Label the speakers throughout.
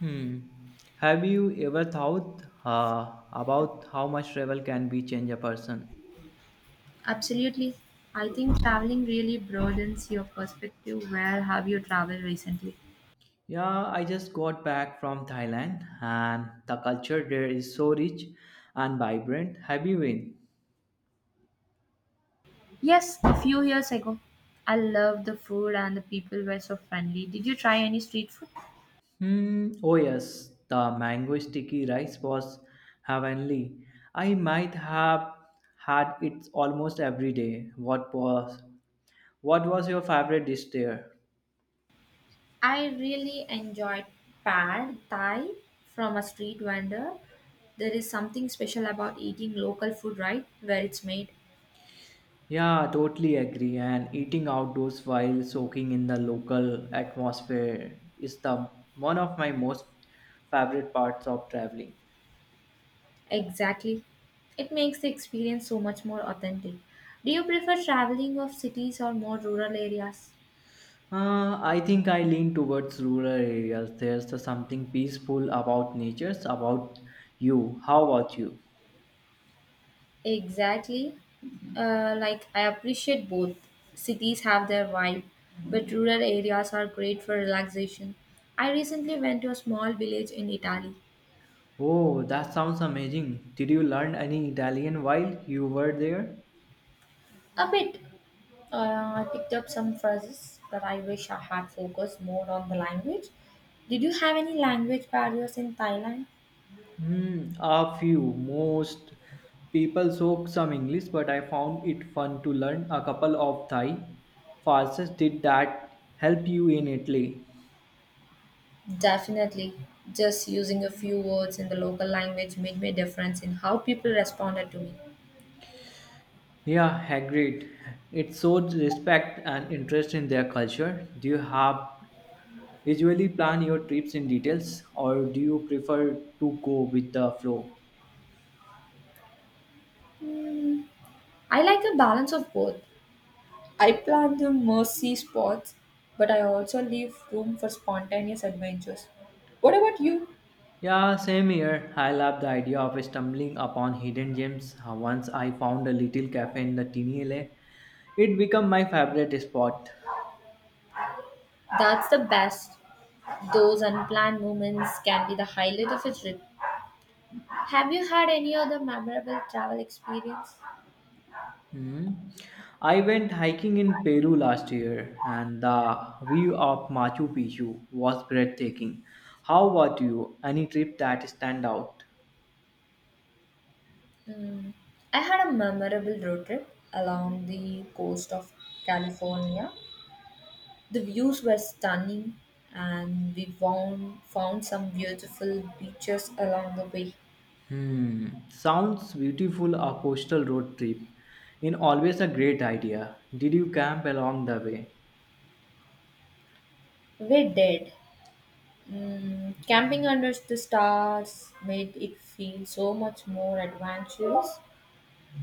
Speaker 1: Hmm. Have you ever thought about how much travel can be change a person?
Speaker 2: Absolutely. I think traveling really broadens your perspective. Where have you traveled recently?
Speaker 1: Yeah, I just got back from Thailand, and the culture there is so rich and vibrant. Have you been?
Speaker 2: Yes, a few years ago. I loved the food and the people were so friendly. Did you try any street food?
Speaker 1: Hmm. Oh yes, the mango sticky rice was heavenly. I might have had it almost every day. What was your favorite dish there?
Speaker 2: I really enjoyed pad thai from a street vendor. There is something special about eating local food, right? Where it's made.
Speaker 1: Yeah, totally agree. And eating outdoors while soaking in the local atmosphere is the one of my most favorite parts of traveling.
Speaker 2: Exactly. It makes the experience so much more authentic. Do you prefer traveling of cities or more rural areas?
Speaker 1: I think I lean towards rural areas. There's the something peaceful about nature, about you. How about you?
Speaker 2: Exactly. Like I appreciate both. Cities have their vibe, but rural areas are great for relaxation. I recently went to a small village in Italy.
Speaker 1: Oh, that sounds amazing. Did you learn any Italian while you were there?
Speaker 2: A bit. Uh, I picked up some phrases, but I wish I had focused more on the language. Did you have any language barriers in Thailand?
Speaker 1: Hmm, a few. Most people spoke some English, but I found it fun to learn a couple of Thai phrases. Did that help you in Italy?
Speaker 2: Definitely. Just using a few words in the local language made me a difference in how people responded to me.
Speaker 1: Yeah, agreed. It shows respect and interest in their culture. Do you have usually plan your trips in details, or do you prefer to go with the flow?
Speaker 2: I like a balance of both. I plan the mercy spots, but I also leave room for spontaneous adventures. What about you?
Speaker 1: Yeah, same here. I love the idea of stumbling upon hidden gems. Once I found a little cafe in the teeny alley, it became my favorite spot.
Speaker 2: That's the best. Those unplanned moments can be the highlight of a trip. Have you had any other memorable travel experience?
Speaker 1: Hmm. I went hiking in Peru last year, and the view of Machu Picchu was breathtaking. How about you? Any trip that stand out?
Speaker 2: Mm, I had a memorable road trip along the coast of California. The views were stunning, and we found some beautiful beaches along the way.
Speaker 1: Hmm, sounds beautiful. A coastal road trip, in always a great idea. Did you camp along the way?
Speaker 2: We did. Mm, camping under the stars made it feel so much more adventurous.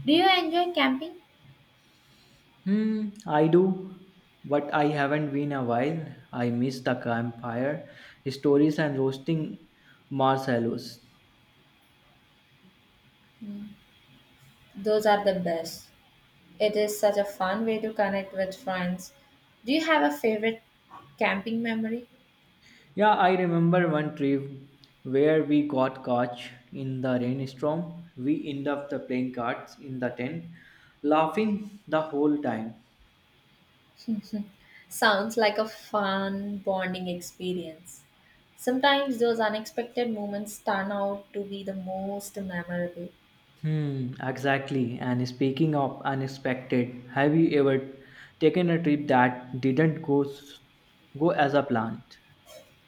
Speaker 2: Do you enjoy camping?
Speaker 1: Hmm, I do, but I haven't been a while. I miss the campfire, stories, and roasting marshmallows.
Speaker 2: Those are the best. It is such a fun way to connect with friends. Do you have a favorite camping memory?
Speaker 1: Yeah, I remember one trip where we got caught in the rainstorm. We ended up the playing cards in the tent, laughing the whole time.
Speaker 2: Sounds like a fun bonding experience. Sometimes those unexpected moments turn out to be the most memorable.
Speaker 1: Hmm, exactly. And speaking of unexpected, have you ever taken a trip that didn't go as a plan?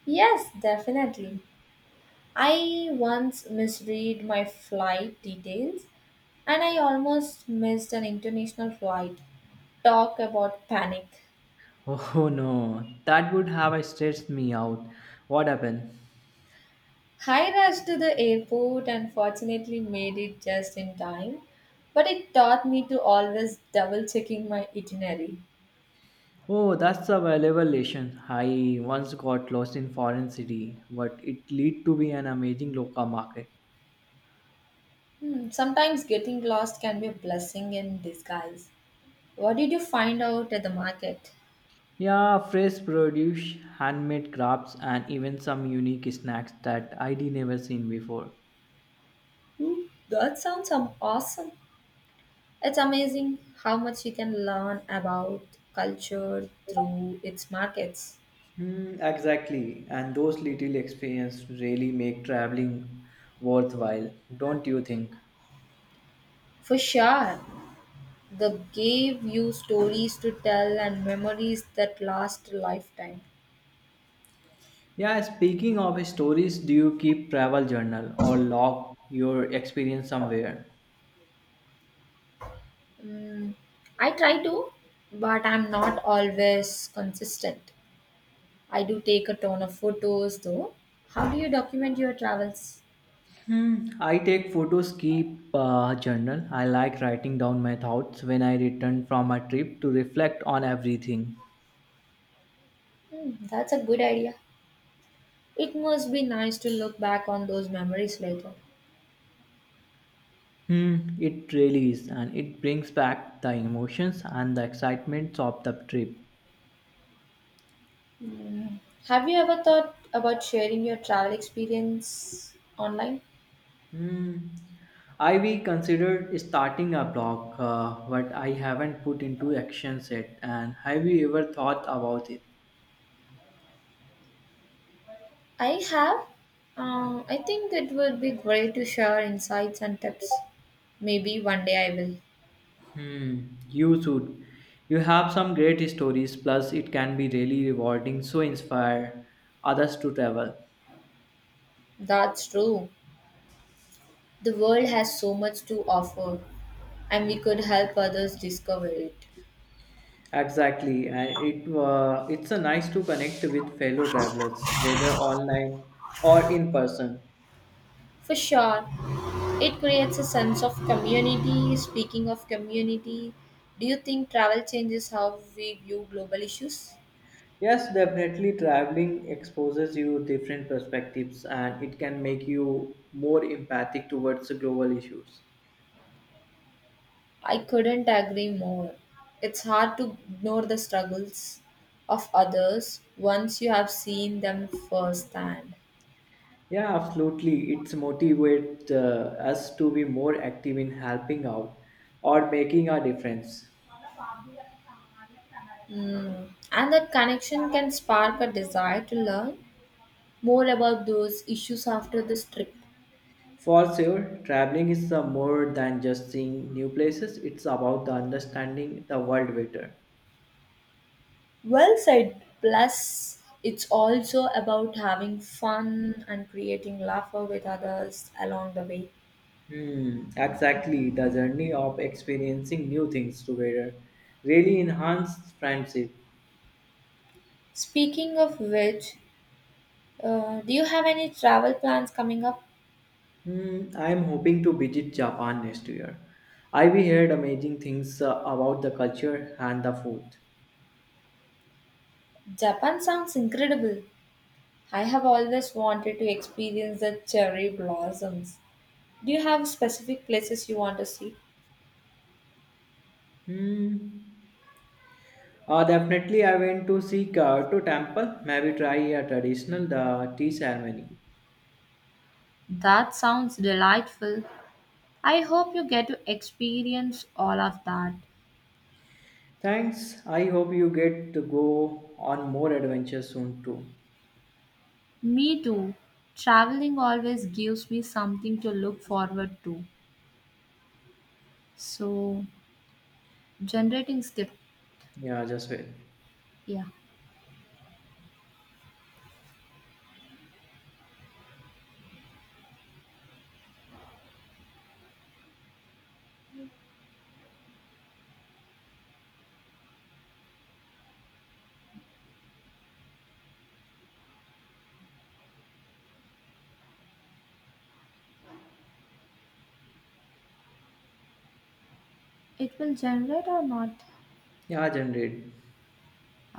Speaker 2: Yes, definitely. I once misread my flight details and I almost missed an international flight. Talk about panic.
Speaker 1: Oh no, that would have stressed me out. What happened?
Speaker 2: I rushed to the airport and fortunately made it just in time. But it taught me to always double checking my itinerary.
Speaker 1: Oh, that's a valuable lesson. I once got lost in foreign city, but it lead to be an amazing local market.
Speaker 2: Hmm, sometimes getting lost can be a blessing in disguise. What did you find out at the market?
Speaker 1: Yeah, fresh produce, handmade crafts, and even some unique snacks that I'd never seen before.
Speaker 2: Hmm, that sounds awesome. It's amazing how much you can learn about culture through its markets.
Speaker 1: Hmm, exactly, and those little experiences really make traveling worthwhile, don't you think?
Speaker 2: For sure. They gave you stories to tell and memories that last a lifetime.
Speaker 1: Yeah, speaking of stories, do you keep travel journal or log your experience somewhere?
Speaker 2: Mm, I try to, but I'm not always consistent. I do take a ton of photos though. How do you document your travels?
Speaker 1: Hmm, I take photos, keep journal. I like writing down my thoughts when I return from a trip to reflect on everything.
Speaker 2: Hmm, that's a good idea. It must be nice to look back on those memories later.
Speaker 1: Hmm, it really is, and it brings back the emotions and the excitements of the trip.
Speaker 2: Hmm, have you ever thought about sharing your travel experience online?
Speaker 1: Hmm, I we considered starting a blog, but I haven't put into action yet. And have you ever thought about it?
Speaker 2: I have. I think it would be great to share insights and tips. Maybe one day I will.
Speaker 1: Hmm, you should. You have some great stories, plus, it can be really rewarding, so inspire others to travel.
Speaker 2: That's true. The world has so much to offer, and we could help others discover it.
Speaker 1: Exactly, and it's a nice to connect with fellow travelers, whether online or in person.
Speaker 2: For sure, it creates a sense of community. Speaking of community, do you think travel changes how we view global issues?
Speaker 1: Yes, definitely, traveling exposes you different perspectives, and it can make you more empathic towards the global issues.
Speaker 2: I couldn't agree more. It's hard to ignore the struggles of others once you have seen them firsthand.
Speaker 1: Yeah, absolutely. It's motivate us to be more active in helping out or making a difference.
Speaker 2: Mm. And that connection can spark a desire to learn more about those issues after this trip.
Speaker 1: For sure, traveling is more than just seeing new places. It's about the understanding the world better.
Speaker 2: Well said. Plus, it's also about having fun and creating laughter with others along the way.
Speaker 1: Hmm, exactly. The journey of experiencing new things together really enhanced friendship.
Speaker 2: Speaking of which, do you have any travel plans coming up?
Speaker 1: Hmm, I am hoping to visit Japan next year. I we heard amazing things about the culture and the food.
Speaker 2: Japan sounds incredible. I have always wanted to experience the cherry blossoms. Do you have specific places you want to see?
Speaker 1: Hmm. Definitely, I went to see Kyoto temple. Maybe try a traditional tea ceremony.
Speaker 2: That sounds delightful. I hope you get to experience all of that.
Speaker 1: Thanks. I hope you get to go on more adventures soon too.
Speaker 2: Me too. Traveling always gives me something to look forward to. So, generating skip.
Speaker 1: Yeah, just wait.
Speaker 2: Yeah. It will generate or not?
Speaker 1: Yeah, generate.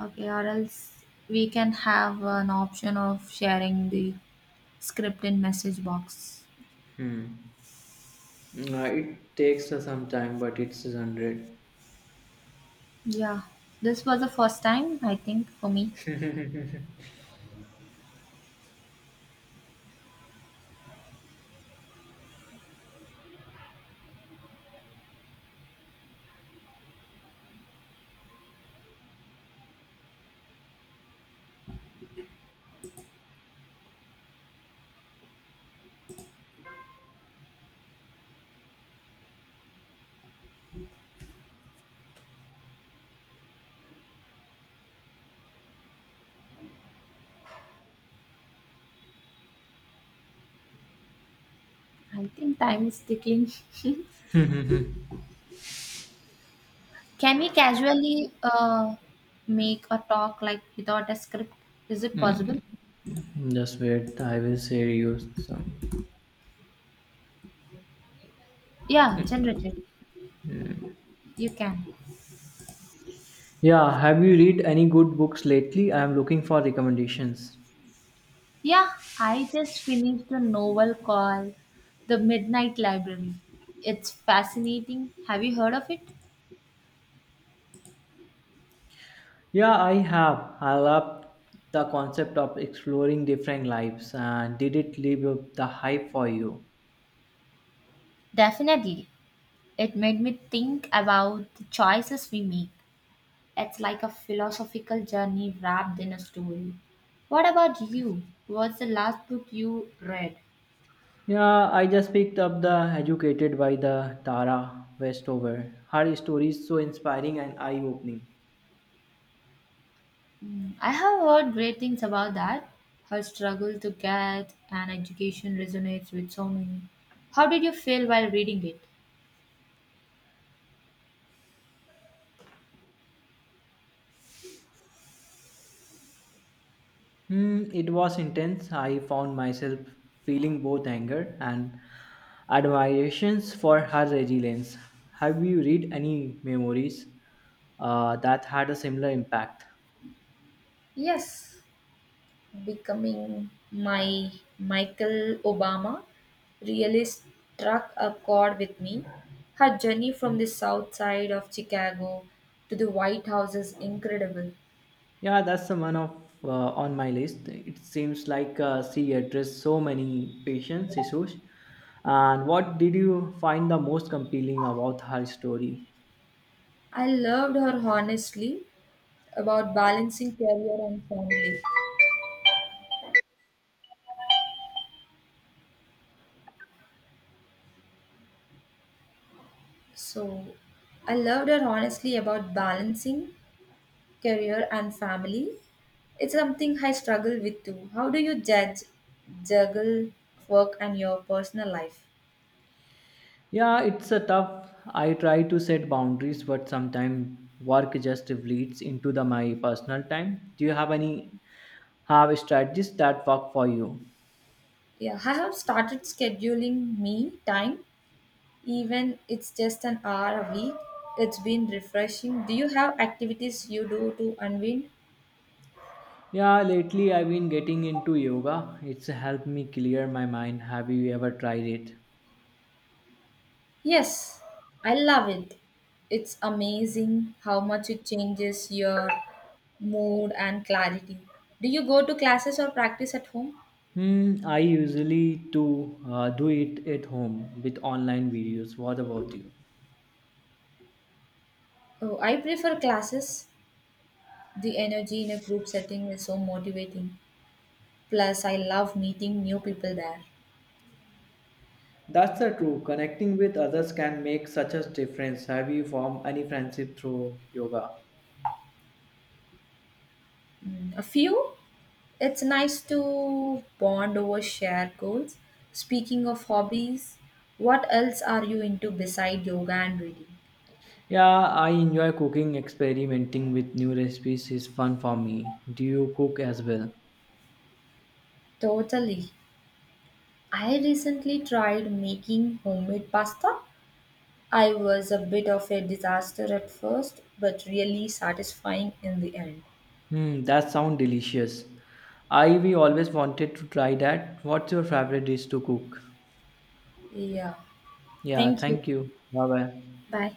Speaker 2: Okay, or else we can have an option of sharing the script in message box.
Speaker 1: Hmm. It takes some time, but it's generate.
Speaker 2: Yeah, this was the first time I think for me. I think time is ticking. Can we casually make a talk like without a script? Is it possible?
Speaker 1: Just wait. I will share you some.
Speaker 2: Yeah, generate it. You can.
Speaker 1: Yeah. Have you read any good books lately? I am looking for recommendations.
Speaker 2: Yeah, I just finished a novel called The Midnight Library. It's fascinating. Have you heard of it?
Speaker 1: Yeah, I have. I love the concept of exploring different lives. And did it live up the hype for you?
Speaker 2: Definitely. It made me think about the choices we make. It's like a philosophical journey wrapped in a story. What about you? What's the last book you read?
Speaker 1: Yeah, I just picked up the Educated by the Tara Westover. Her story is so inspiring and eye-opening.
Speaker 2: Hmm, I have heard great things about that. Her struggle to get an education resonates with so many. How did you feel while reading it?
Speaker 1: Hmm, it was intense. I found myself feeling both anger and admirations for her resilience. Have you read any memories that had a similar impact?
Speaker 2: Yes, becoming my Michael Obama really struck a chord with me. Her journey from the south side of Chicago to the White House is incredible.
Speaker 1: Yeah, that's the one of on my list. It seems like she addressed so many patients' issues. And what did you find the most compelling about her story?
Speaker 2: I loved her honestly about balancing career and family. So, I loved her honestly about balancing career and family. It's something I struggle with too. How do you juggle work and your personal life?
Speaker 1: Yeah, it's a tough. I try to set boundaries, but sometimes work just leads into the my personal time. Do you have any have strategies that work for you?
Speaker 2: Yeah, I have started scheduling me time, even it's just an hour a week. It's been refreshing. Do you have activities you do to unwind?
Speaker 1: Yeah, lately I've been getting into yoga. It's helped me clear my mind. Have you ever tried it?
Speaker 2: Yes, I love it. It's amazing how much it changes your mood and clarity. Do you go to classes or practice at home?
Speaker 1: Hmm, I usually do it at home with online videos. What about you?
Speaker 2: Oh, I prefer classes. The energy in a group setting is so motivating. Plus, I love meeting new people there.
Speaker 1: That's the true. Connecting with others can make such a difference. Have you formed any friendship through yoga?
Speaker 2: Mm, a few? It's nice to bond over shared goals. Speaking of hobbies, what else are you into beside yoga and reading?
Speaker 1: Yeah, I enjoy cooking. Experimenting with new recipes is fun for me. Do you cook as well?
Speaker 2: Totally. I recently tried making homemade pasta. I was a bit of a disaster at first, but really satisfying in the end.
Speaker 1: Hmm, that sounds delicious. I we always wanted to try that. What's your favorite dish to cook?
Speaker 2: Yeah.
Speaker 1: Yeah,
Speaker 2: Thank you.
Speaker 1: thank you. Bye bye.
Speaker 2: Bye.